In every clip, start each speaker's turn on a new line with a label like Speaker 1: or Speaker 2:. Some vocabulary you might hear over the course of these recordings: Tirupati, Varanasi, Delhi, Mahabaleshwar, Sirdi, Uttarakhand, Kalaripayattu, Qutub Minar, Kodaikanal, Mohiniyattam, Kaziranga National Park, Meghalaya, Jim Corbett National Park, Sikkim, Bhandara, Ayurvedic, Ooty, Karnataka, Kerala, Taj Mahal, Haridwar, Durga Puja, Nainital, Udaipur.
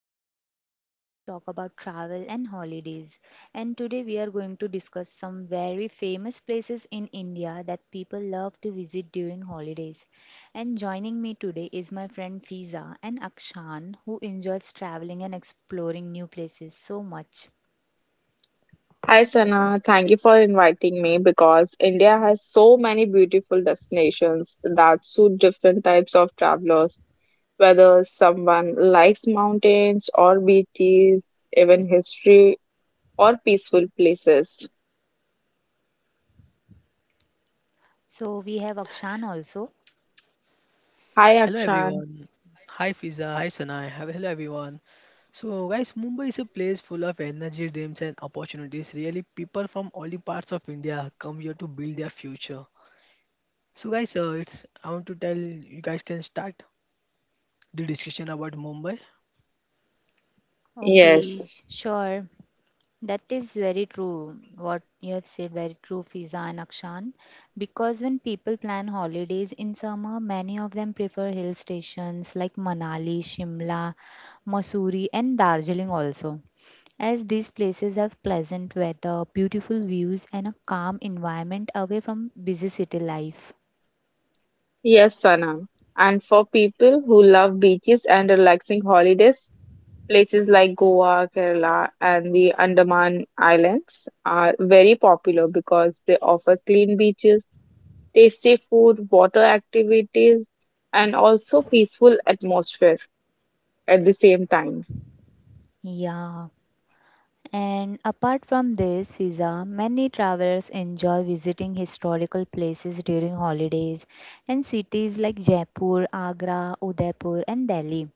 Speaker 1: podcast where we talk about travel and holidays. And today we are going to discuss some very famous places in India that people love to visit during holidays. And joining me today is my friend Fiza and Akshan, who enjoys traveling and exploring new places so much.
Speaker 2: Hi Sana, thank you for inviting me because India has so many beautiful destinations that suit different types of travelers, whether someone likes mountains or beaches, even history or peaceful places.
Speaker 1: So we have Akshan also.
Speaker 2: Hi
Speaker 3: Hello
Speaker 2: Akshan.
Speaker 3: everyone. Hi Fiza. Hi Sanai. Hello everyone. So guys, Mumbai is a place full of energy, dreams and opportunities. Really, people from all the parts of India come here to build their future. So guys, it's I want to tell you guys can start the discussion about Mumbai.
Speaker 2: Yes,
Speaker 1: Okay, sure. That is very true. What you have said, very true, Fiza and Akshan. Because when people plan holidays in summer, many of them prefer hill stations like Manali, Shimla, Mussoorie, and Darjeeling also, as these places have pleasant weather, beautiful views, and a calm environment away from busy city life.
Speaker 2: yes, Sana. And for people who love beaches and relaxing holidays, places like Goa, Kerala, and the Andaman Islands are very popular because they offer clean beaches, tasty food, water activities, and also peaceful atmosphere at the same time.
Speaker 1: Yeah. And apart from this, Fiza, many travelers enjoy visiting historical places during holidays and cities like Jaipur, Agra, Udaipur, and Delhi.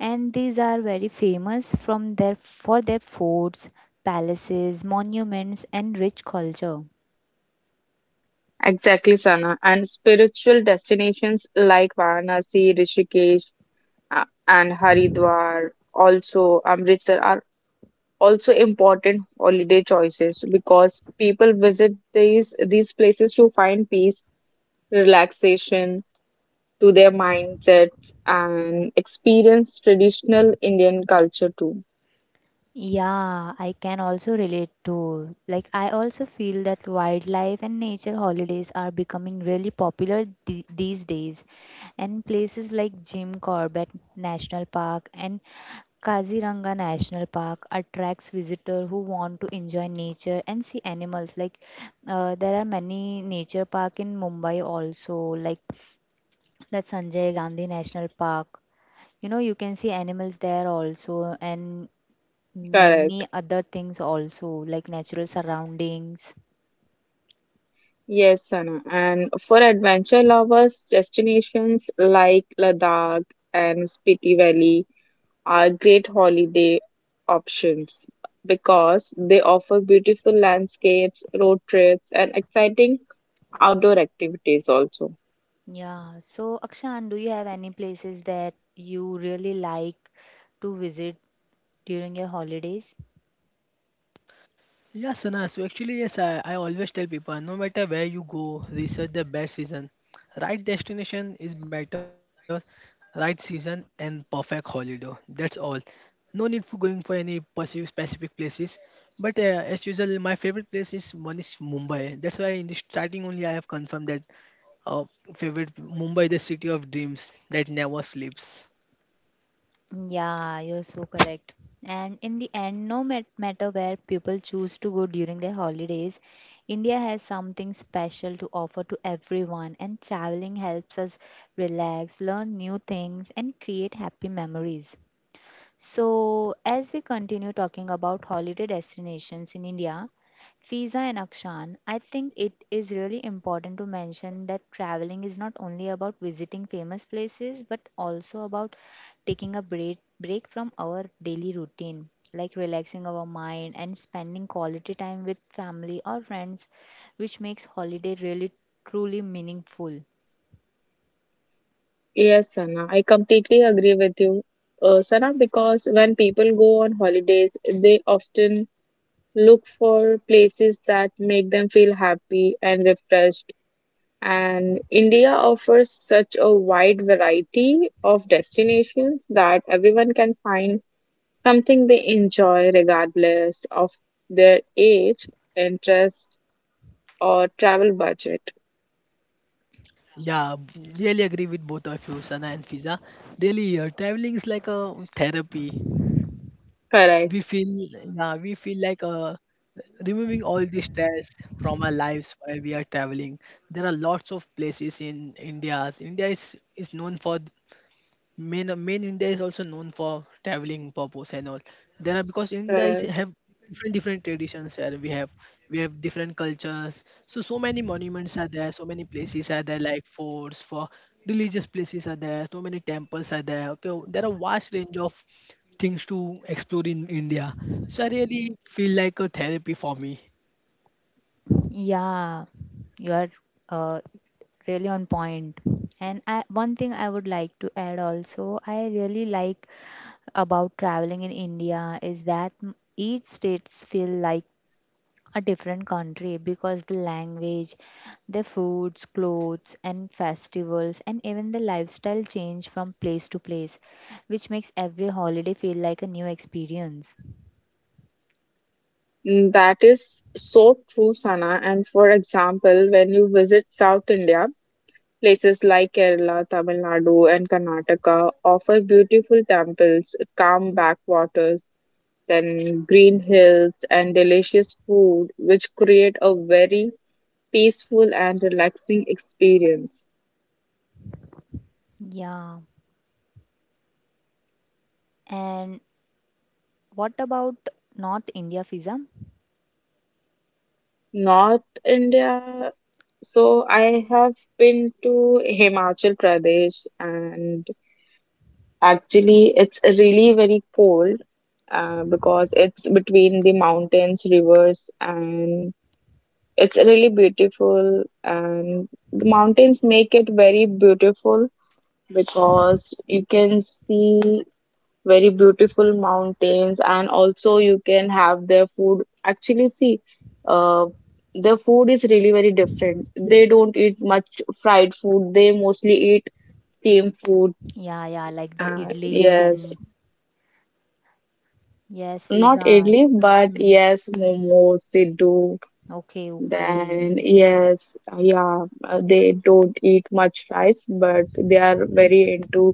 Speaker 1: And these are very famous from their for their forts, palaces, monuments, and rich culture.
Speaker 2: Exactly, Sana. And spiritual destinations like Varanasi, Rishikesh, and Haridwar, also Amritsar, are also important holiday choices because people visit these places to find peace, relaxation to their mindsets and experience traditional Indian culture too.
Speaker 1: Yeah, I can also relate to. Like, I also feel that wildlife and nature holidays are becoming really popular these days. And places like Jim Corbett National Park and Kaziranga National Park attracts visitors who want to enjoy nature and see animals. Like, there are many nature park in Mumbai also, like that Sanjay Gandhi National Park. You know, you can see animals there also, and
Speaker 2: Correct.
Speaker 1: many other things also like natural surroundings.
Speaker 2: Yes, Sana. And for adventure lovers, destinations like Ladakh and Spiti Valley are great holiday options because they offer beautiful landscapes, road trips, and exciting outdoor activities also.
Speaker 1: Yeah. So, Akshan, do you have any places that you really like to visit during your holidays?
Speaker 3: Yeah, Sana. So actually, yes, I always tell people no matter where you go, research the best season. Right destination is better, right season and perfect holiday. That's all. No need for going for any perceived specific places. But as usual, my favorite place is one is Mumbai. That's why in the starting only I have confirmed that uh, favorite Mumbai, the city of dreams that never sleeps.
Speaker 1: Yeah, you're so correct. And in the end, no matter where people choose to go during their holidays, India has something special to offer to everyone, and traveling helps us relax, learn new things, and create happy memories. So, as we continue talking about holiday destinations in India, Fiza and Akshan, I think it is really important to mention that traveling is not only about visiting famous places but also about taking a break from our daily routine, like relaxing our mind and spending quality time with family or friends, which makes holiday really truly meaningful.
Speaker 2: Yes, Sana, I completely agree with you, Sana, because when people go on holidays, they often look for places that make them feel happy and refreshed. And India offers such a wide variety of destinations that everyone can find something they enjoy regardless of their age, interest, or travel budget.
Speaker 3: Yeah, really agree with both of you, Sana and Fiza. Really, traveling is like a therapy. we
Speaker 2: Correct,
Speaker 3: feel yeah we feel like removing all the stress from our lives while we are traveling. There are lots of places in India. India is known for main India is also known for traveling purpose and all. There are because India is
Speaker 2: correct.
Speaker 3: have different traditions here. We have different cultures. So so many monuments are there. So many places are there like forts for religious places are there. So many temples are there. Okay, there are vast range of things to explore in India. So I really feel like a therapy for me.
Speaker 1: Yeah, you are uh, really on point. And I, one thing I would like to add also, I really like about traveling in India is that each states feel like a different country because the language, the foods, clothes, and festivals, and even the lifestyle change from place to place, which makes every holiday feel like a new experience.
Speaker 2: That is so true, Sana. And for example, when you visit South India, places like Kerala, Tamil Nadu, and Karnataka offer beautiful temples, calm backwaters, then green hills, and delicious food, which create a very peaceful and relaxing experience.
Speaker 1: Yeah. And what about North India, Fiza?
Speaker 2: North India, so I have been to Himachal Pradesh, and actually, it's really very cold because it's between the mountains, rivers, and it's really beautiful. And the mountains make it very beautiful because you can see very beautiful mountains, and also you can have their food. Actually, see, uh, their food is really very different. They don't eat much fried food, they mostly eat steamed food.
Speaker 1: Yeah, yeah, like the
Speaker 2: Uh,
Speaker 1: idli
Speaker 2: yes.
Speaker 1: and yes,
Speaker 2: Not
Speaker 1: pizza.
Speaker 2: idli, but
Speaker 1: Mm,
Speaker 2: yes, momos they do.
Speaker 1: okay, okay.
Speaker 2: Then yes, they don't eat much rice, but they are very into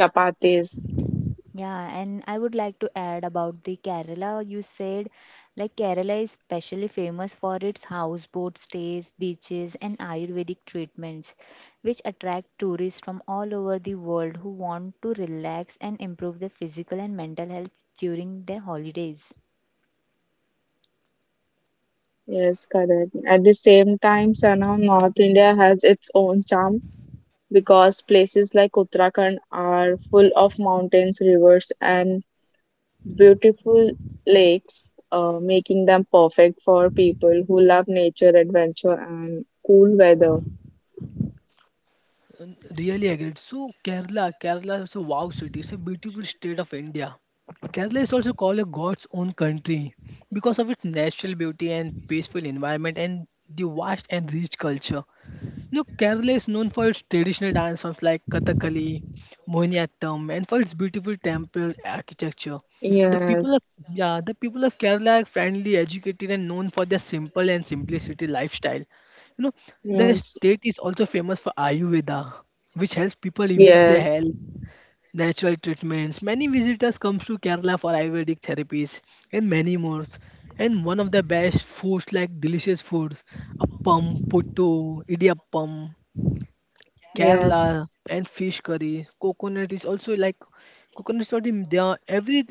Speaker 2: chapatis.
Speaker 1: Yeah, and I would like to add about the Kerala. You said like Kerala is specially famous for its houseboat stays, beaches, and Ayurvedic treatments, which attract tourists from all over the world who want to relax and improve their physical and mental health during their holidays.
Speaker 2: Yes, correct. At the same time, Sana, North India has its own charm because places like Uttarakhand are full of mountains, rivers, and beautiful lakes, making them perfect for people who love nature, adventure, and cool weather.
Speaker 3: And really agreed. So Kerala, Kerala is a wow city. It's a beautiful state of India. Kerala is also called a God's own country because of its natural beauty and peaceful environment and the vast and rich culture. Look, Kerala is known for its traditional dance forms like Kathakali, Mohiniyattam, and for its beautiful temple architecture. The people
Speaker 2: Yes.
Speaker 3: of yeah, the people of Kerala are friendly, educated, and known for their simple and simplicity lifestyle. You know, the
Speaker 2: Yes,
Speaker 3: state is also famous for Ayurveda, which helps people improve their
Speaker 2: yes,
Speaker 3: health, natural treatments. Many visitors come to Kerala for Ayurvedic therapies and many more. And one of the best foods like delicious foods, appam, puttu, idiyappam,
Speaker 2: yes.
Speaker 3: Kerala and fish curry. Coconut is also like coconuts not in they are every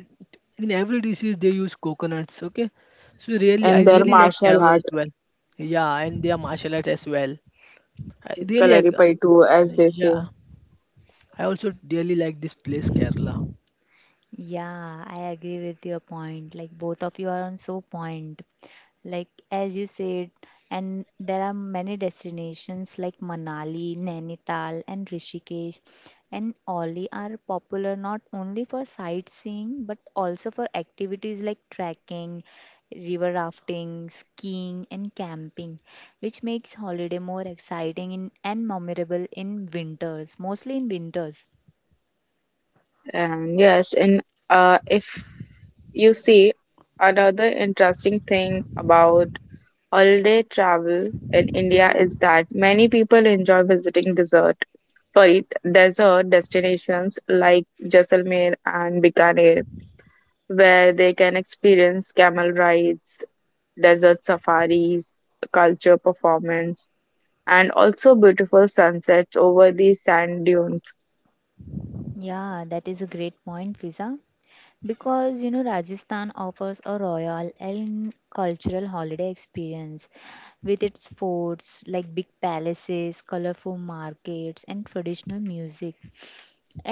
Speaker 3: in every dishes they use coconuts. Okay, so really I
Speaker 2: And their
Speaker 3: really like
Speaker 2: martial
Speaker 3: Kerala
Speaker 2: art,
Speaker 3: as well. Yeah, and their martial arts as well. I really ag-
Speaker 2: Kalaripayattu, as they say.
Speaker 3: yeah. I also really like this place Kerala.
Speaker 1: Yeah, I agree with your point. Like both of you are on so point. Like as you said, and there are many destinations like Manali, Nainital, and Rishikesh and Oli are popular not only for sightseeing but also for activities like trekking, river rafting, skiing, and camping, which makes holiday more exciting and memorable in winters, mostly in winters.
Speaker 2: And if you see, another interesting thing about holiday travel in India is that many people enjoy visiting desert, sorry, desert destinations like Jaisalmer and Bikaner, where they can experience camel rides, desert safaris, culture performance, and also beautiful sunsets over the sand dunes.
Speaker 1: Yeah, that is a great point, Visa. Because you know, Rajasthan offers a royal and cultural holiday experience with its forts, like big palaces, colorful markets, and traditional music.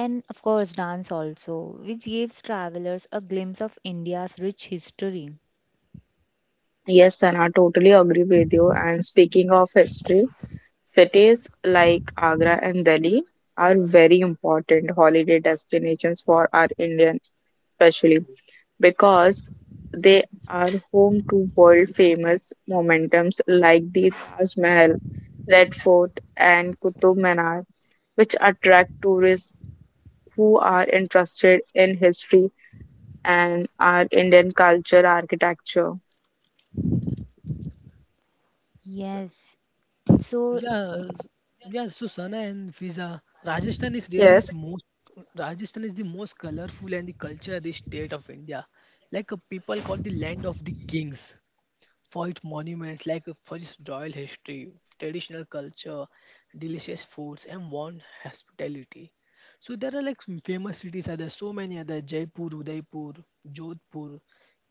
Speaker 1: And of course, dance also, which gives travelers a glimpse of India's rich history.
Speaker 2: Yes, Sana, totally agree with you. And speaking of history, cities like Agra and Delhi are very important holiday destinations for our Indians, especially because they are home to world famous momentums like the Taj Mahal, Red Fort, and Qutub Minar, which attract tourists who are interested in history and our Indian culture, architecture.
Speaker 1: Yes, so
Speaker 3: Yeah, s- yeah. So Sana and Fiza, Rajasthan is really is
Speaker 2: Yes.
Speaker 3: most Rajasthan is the most colorful and the culture rich state of India. Like people call the land of the kings. Foyt monuments like Forest Royal history, traditional culture, delicious foods, and warm hospitality. So there are like some famous cities. Are there so many other Jaipur, Udaipur, Jodhpur,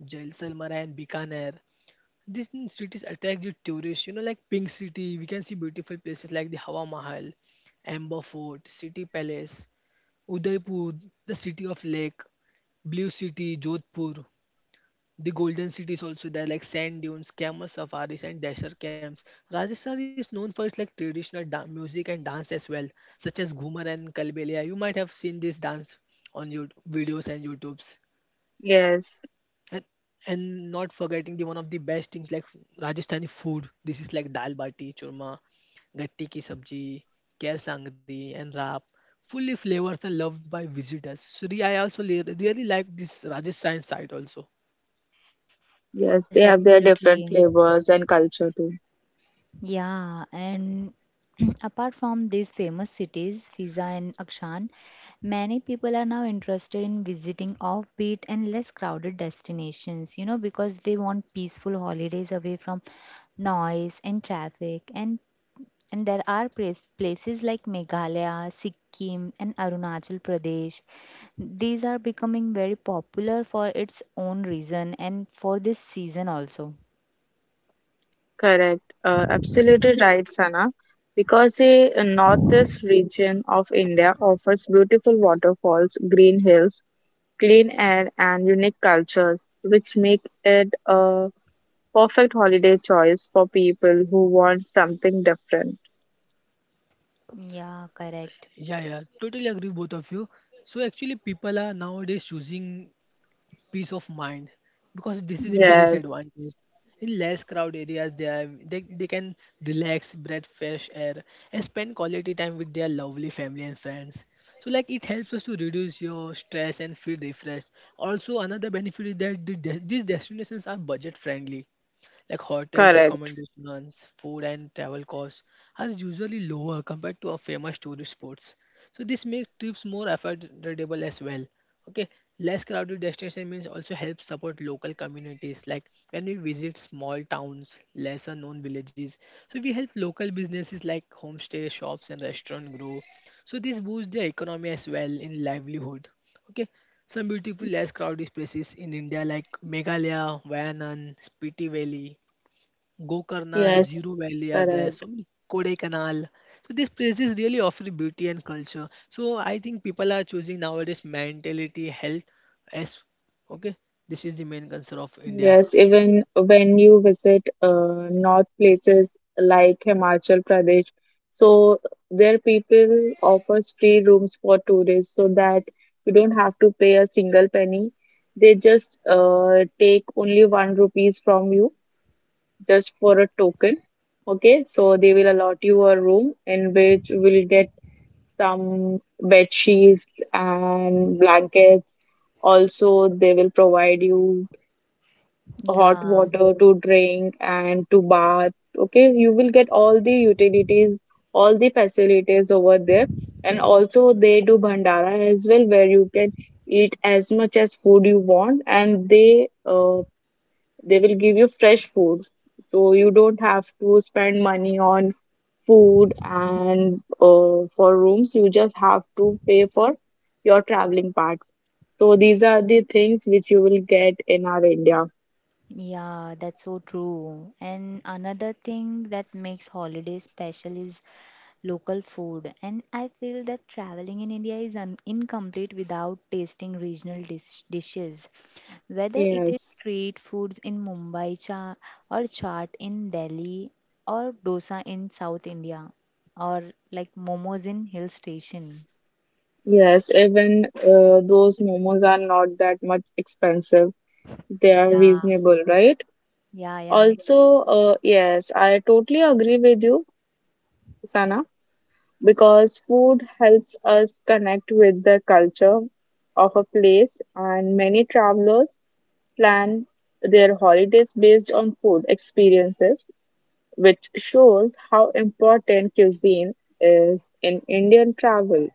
Speaker 3: Jaisalmer, and Bikaner. These cities attract the tourists. You know, like Pink City, we can see beautiful places like the Hawa Mahal, Amber Fort, City Palace, Udaipur, the city of lake, Blue City, Jodhpur. The golden cities also there like sand dunes, camel safaris, and desert camps. Rajasthan is known for its like traditional music and dance as well, such as Ghumar and Kalbelia. You might have seen this dance on your videos and YouTubes.
Speaker 2: Yes,
Speaker 3: And, and not forgetting the one of the best things like Rajasthani food. This is like dal bati, churma, gatti ki sabji, kher sangri, and rap. Fully flavored and loved by visitors. So I also really like this Rajasthan side also.
Speaker 2: yes, they
Speaker 1: yes,
Speaker 2: have their different
Speaker 1: absolutely.
Speaker 2: flavors and culture too.
Speaker 1: Yeah, and apart from these famous cities, Fiza and Akshan, many people are now interested in visiting offbeat and less crowded destinations, you know, because they want peaceful holidays away from noise and traffic. And places like Meghalaya, Sikkim, and Arunachal Pradesh. These are becoming very popular for its own reason and for this season also.
Speaker 2: Correct. Absolutely right, Sana. Because the northeast region of India offers beautiful waterfalls, green hills, clean air, and unique cultures, which make it a perfect holiday choice for people who want something different.
Speaker 1: Yeah, correct.
Speaker 3: Yeah, yeah, totally agree with both of you. So actually, people are nowadays choosing peace of mind because this is the biggest
Speaker 2: Yes,
Speaker 3: advantage. In less crowd areas, they can relax, breathe fresh air, and spend quality time with their lovely family and friends. So like it helps us to reduce your stress and feel refreshed. Also, another benefit is that these destinations are budget friendly like hotels,
Speaker 2: correct.
Speaker 3: accommodations, food, and travel costs are usually lower compared to our famous tourist spots. So this makes trips more affordable as well. Okay, less crowded destination means also helps support local communities. Like when we visit small towns, lesser known villages, so we help local businesses like homestay shops and restaurant grow. So this boosts their economy as well in livelihood. Okay, some beautiful less crowded places in India like Meghalaya, Wayanad, Spiti Valley, Gokarna,
Speaker 2: Yes,
Speaker 3: Zero Valley are there. So
Speaker 2: correct.
Speaker 3: many Kodaikanal. So these places really offer beauty and culture. So I think people are choosing nowadays mentality, health as okay. This is the main concern of India.
Speaker 2: Yes, even when you visit north places like Himachal Pradesh, so their people offers free rooms for tourists so that you don't have to pay a single penny. They just take only one rupees from you just for a token. Okay, so they will allot you a room in which you will get some bed sheets and blankets. Also, they will provide you hot
Speaker 1: Yeah.
Speaker 2: water to drink and to bath. Okay, you will get all the utilities, all the facilities over there. And also, they do Bhandara as well, where you can eat as much as food you want, and they will give you fresh food. So you don't have to spend money on food and for rooms. You just have to pay for your traveling part. So these are the things which you will get in our India.
Speaker 1: Yeah, that's so true. And another thing that makes holidays special is local food. And I feel that traveling in India is incomplete without tasting regional dishes. Whether it is
Speaker 2: Yes.
Speaker 1: street foods in Mumbai cha or chaat in Delhi or dosa in South India or like momos in hill station.
Speaker 2: Yes, even those momos are not that much expensive. They are
Speaker 1: Yeah,
Speaker 2: reasonable, right?
Speaker 1: yeah, yeah.
Speaker 2: Also, yes, I totally agree with you, Sana, because food helps us connect with the culture of a place, and many travelers plan their holidays based on food experiences, which shows how important cuisine is in Indian travel,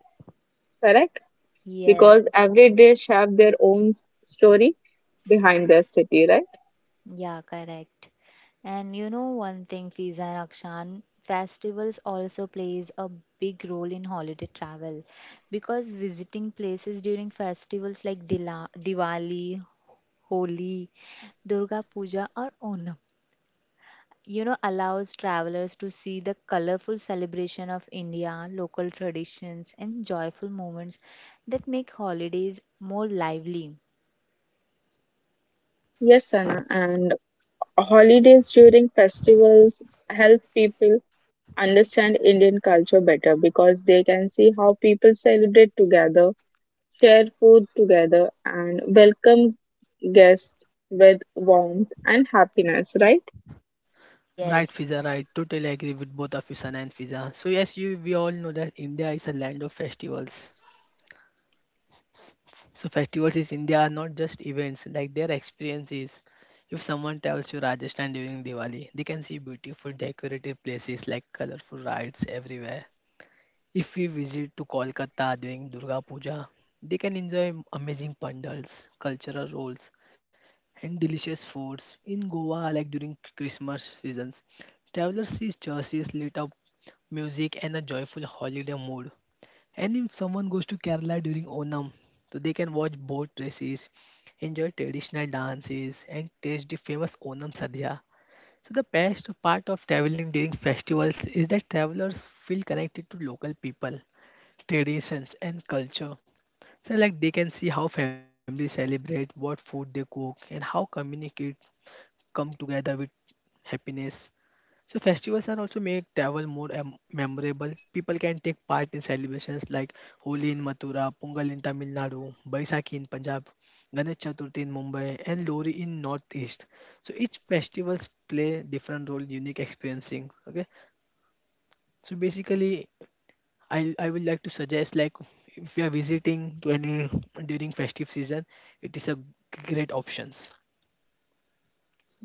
Speaker 2: correct?
Speaker 1: Yes.
Speaker 2: Because every dish have their own story behind their city, right?
Speaker 1: Yeah, correct. And you know one thing, Fiza and Akshan, festivals also plays a big role in holiday travel because visiting places during festivals like Diwali, Holi, Durga Puja or Onam, you know, allows travelers to see the colorful celebration of India, local traditions and joyful moments that make holidays more lively.
Speaker 2: Yes, Sana. And holidays during festivals help people understand Indian culture better because they can see how people celebrate together, share food together, and welcome guests with warmth and happiness, right?
Speaker 3: Right,
Speaker 1: Yes,
Speaker 3: Fiza, right. Totally agree with both of you, Sana and Fiza. So yes, you we all know that India is a land of festivals. S- So festivals in India are not just events, like their experiences. If someone travels to Rajasthan during Diwali, they can see beautiful decorated places like colorful rides everywhere. If we visit to Kolkata during Durga Puja, they can enjoy amazing pandals, cultural roles, and delicious foods. In Goa, like during Christmas seasons, travelers see churches lit up, music, and a joyful holiday mood. And if someone goes to Kerala during Onam, so they can watch boat races, enjoy traditional dances, and taste the famous Onam Sadhya. So the best part of traveling during festivals is that travelers feel connected to local people traditions and culture, so like they can see how families celebrate what food they cook and how communicate come together with happiness. So festivals are also make travel more memorable. People can take part in celebrations like Holi in Mathura, Pongal in Tamil Nadu, Baisakhi in Punjab, Ganesh Chaturthi in Mumbai, and Lori in Northeast. So each festivals play different role, unique experiencing. Okay, so basically I would like to suggest like if you are visiting to any during festive season, it is a great options.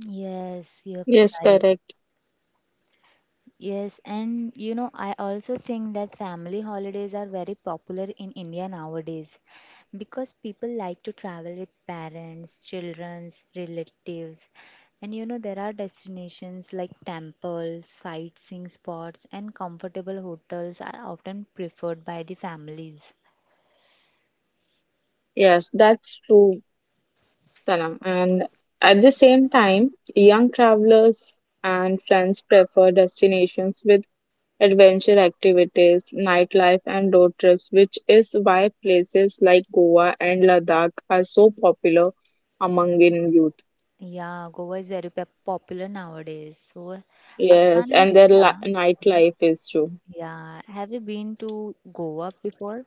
Speaker 1: yes, you're
Speaker 2: Yes,
Speaker 1: right.
Speaker 2: correct.
Speaker 1: Yes, and you know, I also think that family holidays are very popular in India nowadays because people like to travel with parents, children's, relatives. And you know, there are destinations like temples, sightseeing spots, and comfortable hotels are often preferred by the families.
Speaker 2: Yes, that's true. Sanam. And at the same time, young travelers and friends prefer destinations with adventure activities, nightlife, and road trips, which is why places like Goa and Ladakh are so popular among in youth.
Speaker 1: Yeah, Goa is very popular nowadays. So,
Speaker 2: Yes,
Speaker 1: Akshan and
Speaker 2: and their
Speaker 1: Fiza,
Speaker 2: nightlife is too.
Speaker 1: yeah, have you been to Goa before?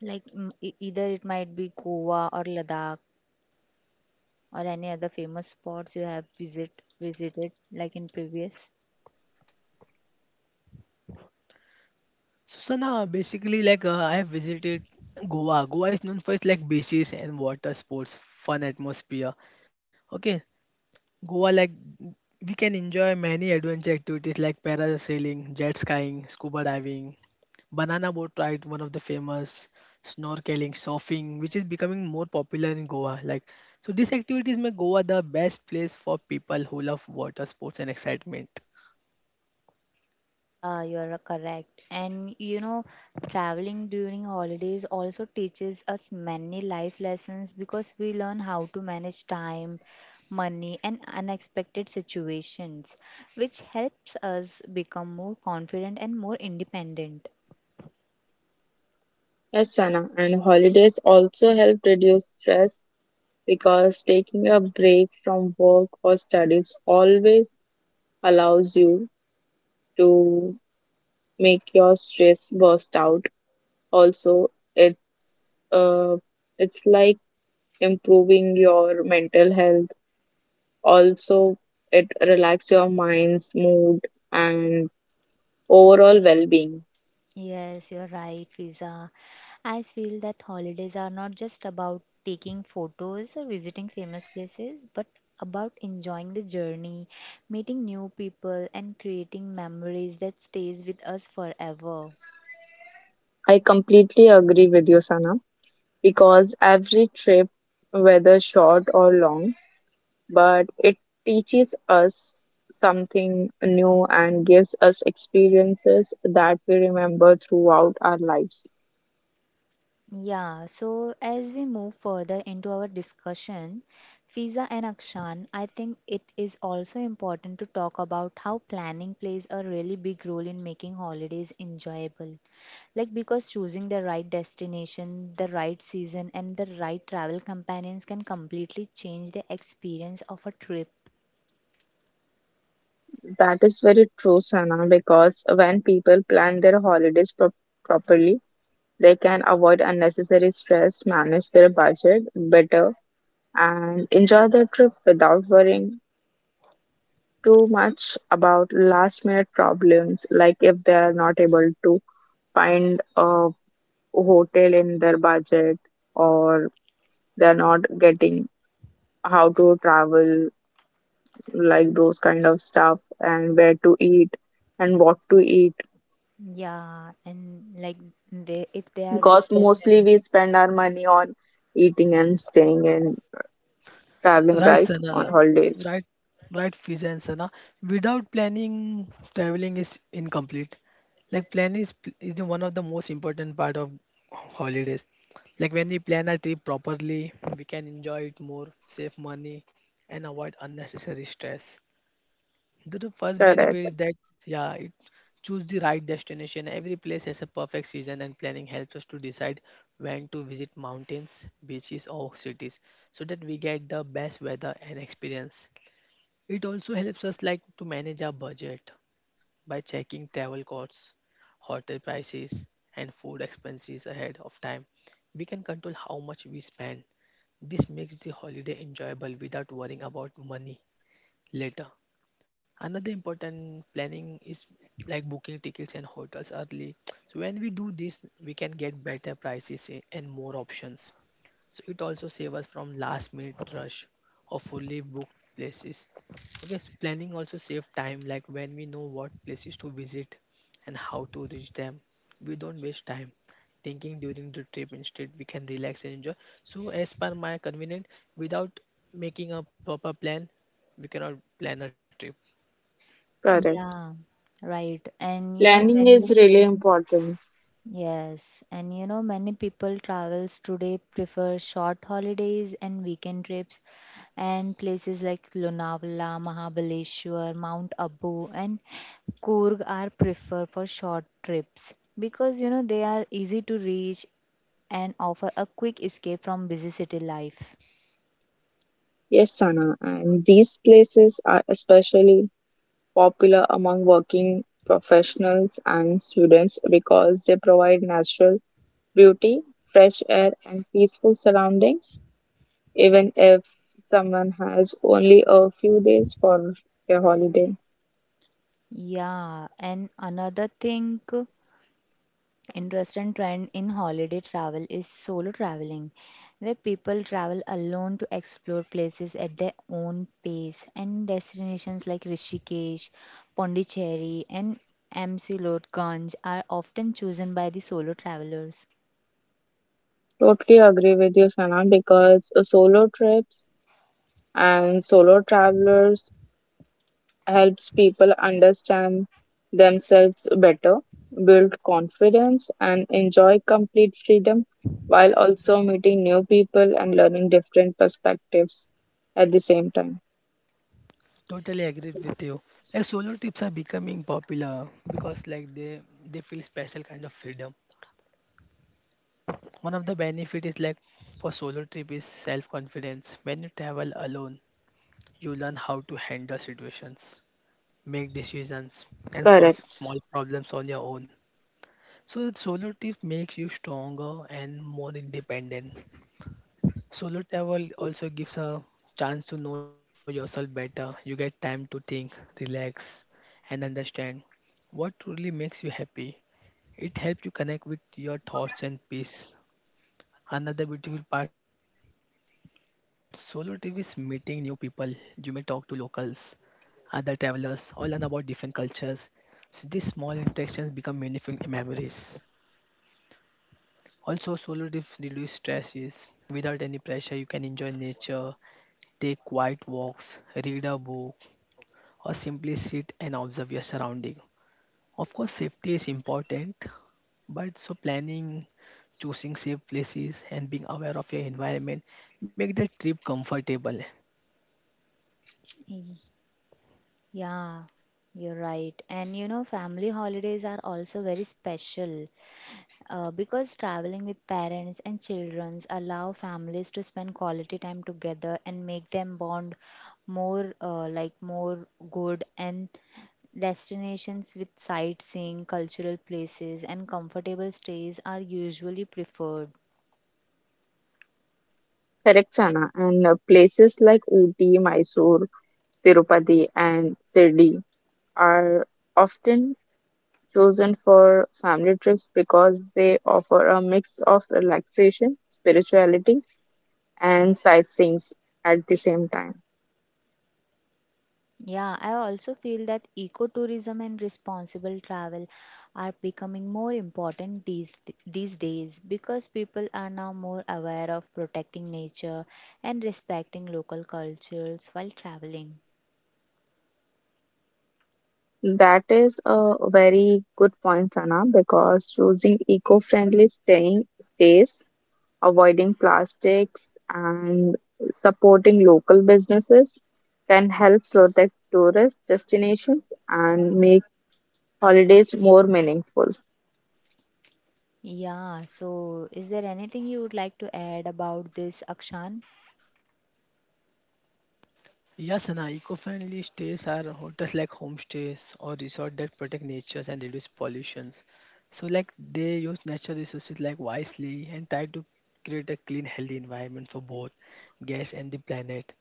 Speaker 1: Like mm, either it might be Goa or Ladakh or any other famous spots you have visited like in previous.
Speaker 3: So Sana, basically like I have visited Goa. Goa is known for its like beaches and water sports, fun atmosphere. Okay, Goa, like we can enjoy many adventure activities like parasailing, jet skiing, scuba diving, banana boat ride, one of the famous, snorkeling, surfing, which is becoming more popular in Goa. Like so, these activities make Goa the best place for people who love water sports and excitement.
Speaker 1: Yeah, you are correct. And you know, traveling during holidays also teaches us many life lessons because we learn how to manage time, money, and unexpected situations, which helps us become more confident and more independent.
Speaker 2: Yes, Sana. And holidays also help reduce stress because taking a break from work or studies always allows you to make your stress burst out. Also, it uh, it's like improving your mental health. Also, it relax your mind's mood and overall well-being.
Speaker 1: Yes, you're right, Fiza. I feel that holidays are not just about taking photos or visiting famous places, but about enjoying the journey, meeting new people and creating memories that stays with us forever.
Speaker 2: I completely agree with you, Sana, because every trip, whether short or long, but it teaches us something new and gives us experiences that we remember throughout our lives.
Speaker 1: Yeah, so as we move further into our discussion, Fiza and Akshan, I think it is also important to talk about how planning plays a really big role in making holidays enjoyable. Like, because choosing the right destination, the right season, and the right travel companions can completely change the experience of a trip.
Speaker 2: That is very true, Sana, because when people plan their holidays properly, they can avoid unnecessary stress, manage their budget better, and enjoy their trip without worrying too much about last minute problems, like if they are not able to find a hotel in their budget, or they're not getting how to travel, like those kind of stuff, and where to eat and what to eat
Speaker 1: Yeah, and like they if they are with
Speaker 2: because
Speaker 1: their
Speaker 2: mostly
Speaker 1: friends.
Speaker 2: we spend our money on eating and staying and traveling
Speaker 3: Right,
Speaker 2: right on
Speaker 3: Sana.
Speaker 2: holidays.
Speaker 3: Right, right, Fiza and Sana. Without planning, traveling is incomplete. Like is the one of the most important part of holidays. Like when we plan our trip properly, we can enjoy it more, save money, and avoid unnecessary stress. The first benefit
Speaker 2: correct
Speaker 3: is that yeah, it choose the right destination. Every place has a perfect season, and planning helps us to decide when to visit mountains, beaches, or cities, so that we get the best weather and experience. It also helps us like to manage our budget by checking travel costs, hotel prices, and food expenses ahead of time. We can control how much we spend. This makes the holiday enjoyable without worrying about money later. Another important planning is like booking tickets and hotels early, so when we do this we can get better prices and more options. So it also saves us from last minute rush or fully booked places. Okay, so planning also saves time. Like when we know what places to visit and how to reach them, we don't waste time thinking during the trip. Instead, we can relax and enjoy. So as per my convenient, without making a proper plan, we cannot plan a trip.
Speaker 2: correct
Speaker 1: Yeah, right. And you know,
Speaker 2: Planning
Speaker 1: when
Speaker 2: is really important.
Speaker 1: yes, and you know, many people travels today prefer short holidays and weekend trips, and places like Lonavala, Mahabaleshwar, Mount Abu, and Coorg are preferred for short trips because you know they are easy to reach and offer a quick escape from busy city life.
Speaker 2: Yes, Sana, and these places are especially popular among working professionals and students because they provide natural beauty, fresh air, and peaceful surroundings even if someone has only a few days for a holiday.
Speaker 1: Yeah, and another thing, interesting trend in holiday travel is solo traveling, where people travel alone to explore places at their own pace and destinations like Rishikesh, Pondicherry, and Ganj are often chosen by the solo travelers.
Speaker 2: Totally agree with you, Sana, because solo trips and solo travelers helps people understand themselves better, build confidence, and enjoy complete freedom while also meeting new people and learning different perspectives at the same time.
Speaker 3: Totally agree with you. Like solo trips are becoming popular because like they feel special kind of freedom. One of the benefit is like for solo trip is self confidence. When you travel alone, you learn how to handle situations, make decisions, and solve
Speaker 2: Correct.
Speaker 3: small problems on your own. So solo trip makes you stronger and more independent. Solo travel also gives a chance to know yourself better. You get time to think, relax, and understand what truly makes you happy. It helps you connect with your thoughts and peace. Another beautiful part solo trip is meeting new people. You may talk to locals, other travelers, or learn about different cultures. So these small interactions become meaningful memories. Also, solo trips reduce stress. Without any pressure, you can enjoy nature, take quiet walks, read a book, or simply sit and observe your surrounding. Of course, safety is important, but so planning, choosing safe places, and being aware of your environment make the trip comfortable.
Speaker 1: Y- Yeah, you're right. And you know, family holidays are also very special because traveling with parents and children allow families to spend quality time together and make them bond more like more good, and destinations with sightseeing cultural places and comfortable stays are usually preferred.
Speaker 2: Correct, Sana. And places like Ooty, Mysore, Tirupati, and Sirdi are often chosen for family trips because they offer a mix of relaxation, spirituality, and sightseeing at the same time.
Speaker 1: Yeah, I also feel that ecotourism and responsible travel are becoming more important these days because people are now more aware of protecting nature and respecting local cultures while traveling.
Speaker 2: That is a very good point, Sana, because choosing eco-friendly staying stays, avoiding plastics, and supporting local businesses can help protect tourist destinations and make holidays more meaningful.
Speaker 1: Yeah, so is there anything you would like to add about this, Akshan?
Speaker 3: Yes, and eco-friendly stays are hotels like homestays or resorts that protect nature and reduce pollutions. So, like they use natural resources like wisely and try to create a clean, healthy environment for both guests and the planet.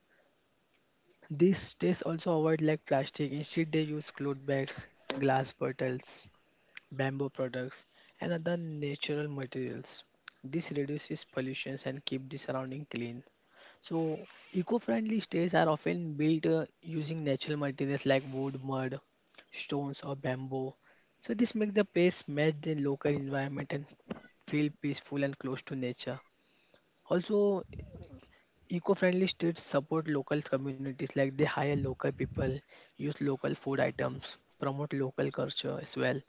Speaker 3: These states also avoid like plastic. Instead, they use cloth bags, glass bottles, bamboo products, and other natural materials. This reduces pollution and keep the surrounding clean. So, eco-friendly states are often built using natural materials like wood, mud, stones, or bamboo. So, this makes the place match the local environment and feel peaceful and close to nature. Also, eco-friendly streets support local communities like they hire local people, use local food items, promote local culture as well.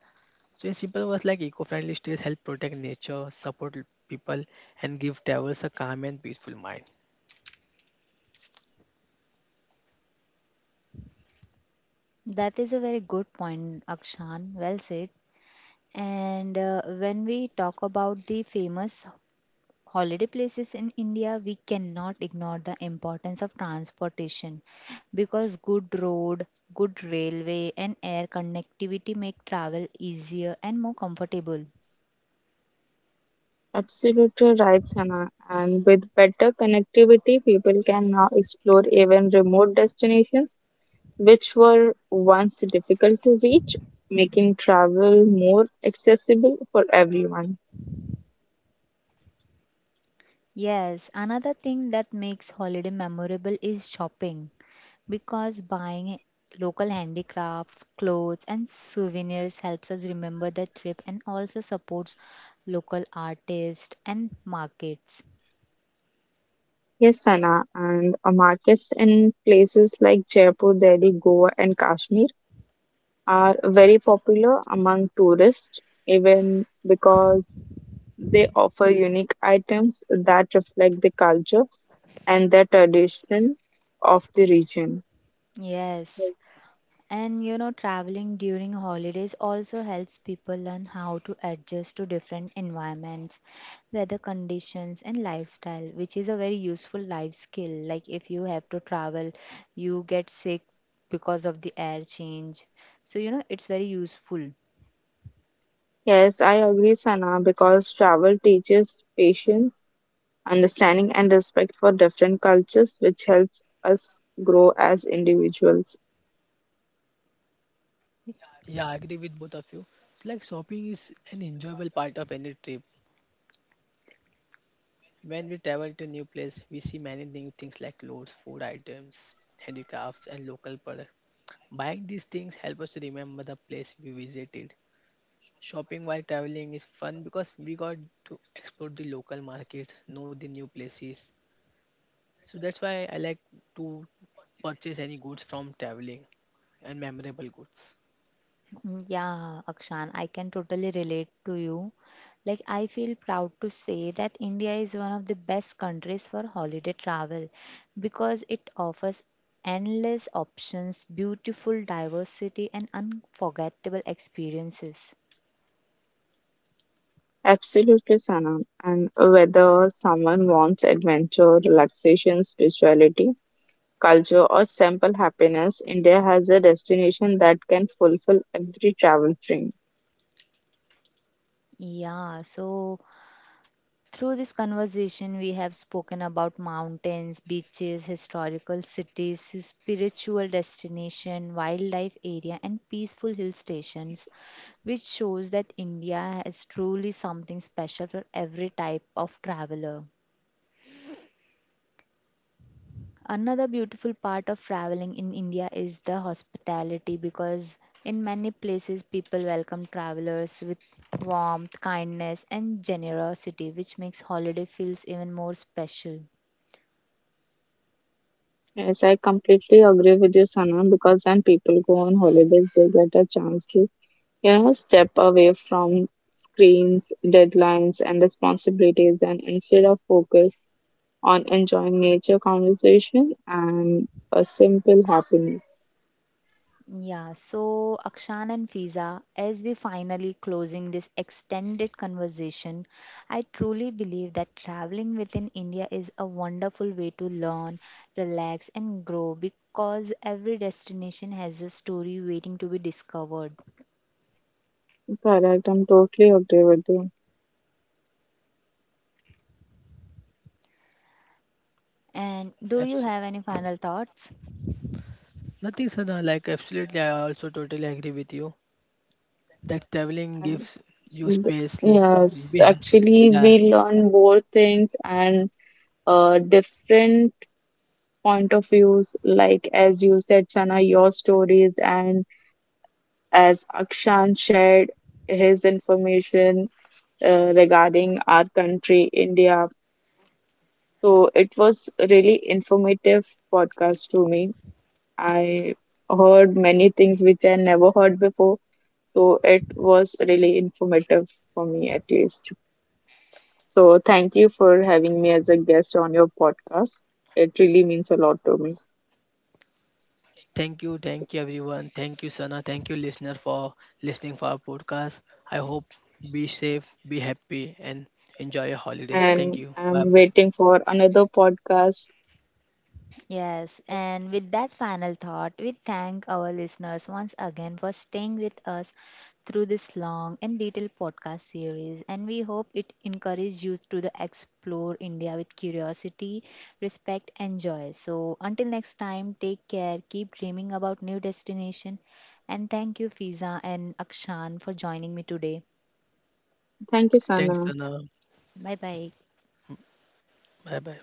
Speaker 3: So in simple words like eco-friendly streets help protect nature, support people and give travelers a calm and peaceful mind.
Speaker 1: That is a very good point, Akshan. Well said. And when we talk about the famous holiday places in India, we cannot ignore the importance of transportation because good road, good railway, and air connectivity make travel easier and more comfortable.
Speaker 2: Absolutely right, Sana. And with better connectivity, people can now explore even remote destinations which were once difficult to reach, making travel more accessible for everyone.
Speaker 1: Yes, another thing that makes holiday memorable is shopping because buying local handicrafts, clothes, and souvenirs helps us remember the trip and also supports local artists and markets.
Speaker 2: Yes, Sana. And markets in places like Jaipur, Delhi, Goa, and Kashmir are very popular among tourists, even because they offer unique items that reflect the culture and the tradition of the region.
Speaker 1: Yes. And you know, traveling during holidays also helps people learn how to adjust to different environments, weather conditions, and lifestyle, which is a very useful life skill. Like, if you have to travel, you get sick because of the air change. So, you know, it's very useful.
Speaker 2: Yes, I agree, Sana, because travel teaches patience, understanding, and respect for different cultures, which helps us grow as individuals.
Speaker 3: Yeah, I agree with both of you. So, like shopping is an enjoyable part of any trip. When we travel to new place, we see many new things like clothes, food items, handicrafts and local products. Buying these things help us remember the place we visited. Shopping while traveling is fun because we got to explore the local markets, know the new places. So that's why I like to purchase any goods from traveling and memorable goods.
Speaker 1: Mm, yeah, Akshan, I can totally relate to you. Like, I feel proud to say that India is one of the best countries for holiday travel because it offers endless options, beautiful diversity, and unforgettable experiences.
Speaker 2: Absolutely, Sana. And whether someone wants adventure, relaxation, spirituality, culture, or simple happiness, India has a destination that can fulfill every travel dream.
Speaker 1: Yeah, so through this conversation, we have spoken about mountains, beaches, historical cities, spiritual destination, wildlife area, and peaceful hill stations, which shows that India has truly something special for every type of traveler. Another beautiful part of traveling in India is the hospitality because in many places people welcome travelers with warmth, kindness, and generosity, which makes holiday feels even more special.
Speaker 2: Yes, I completely agree with you, Sana, because when people go on holidays, they get a chance to, step away from screens, deadlines, and responsibilities, and instead of focus on enjoying nature conversation and a simple happiness.
Speaker 1: Yeah, so Akshan and Fiza, as we finally closing this extended conversation, I truly believe that traveling within India is a wonderful way to learn, relax, and grow because every destination has a story waiting to be discovered.
Speaker 2: Correct, I'm totally agree with you.
Speaker 1: And do you have
Speaker 3: Absolutely.
Speaker 1: any final thoughts?
Speaker 3: Nothing, Sana. Like, absolutely, I also totally agree with you that traveling
Speaker 2: And
Speaker 3: gives you
Speaker 2: th-
Speaker 3: space.
Speaker 2: yes,
Speaker 3: Be-
Speaker 2: actually,
Speaker 3: Yeah.
Speaker 2: we learn more things and different point of views, like as you said, Sana, your stories and as Akshan shared his information regarding our country, India. So it was really informative podcast to me. I heard many things which I never heard before. So it was really informative for me at least. So thank you for having me as a guest on your podcast. It really means a lot to me.
Speaker 3: Thank you. Thank you, everyone. Thank you, Sana. Thank you, listener, for listening for our podcast. I hope be safe, be happy, and enjoy your holidays. Thank
Speaker 2: And
Speaker 3: you. Bye
Speaker 2: I'm
Speaker 3: bye.
Speaker 2: waiting for another podcast.
Speaker 1: Yes, and with that final thought, we thank our listeners once again for staying with us through this long and detailed podcast series. And we hope it encourages you to the explore India with curiosity, respect, and joy. So until next time, take care, keep dreaming about new destination, and thank you, Fiza and Akshan, for joining me today.
Speaker 2: Thank you,
Speaker 3: Thanks,
Speaker 2: Sana.
Speaker 3: Sana.
Speaker 1: Bye bye.
Speaker 3: Bye bye.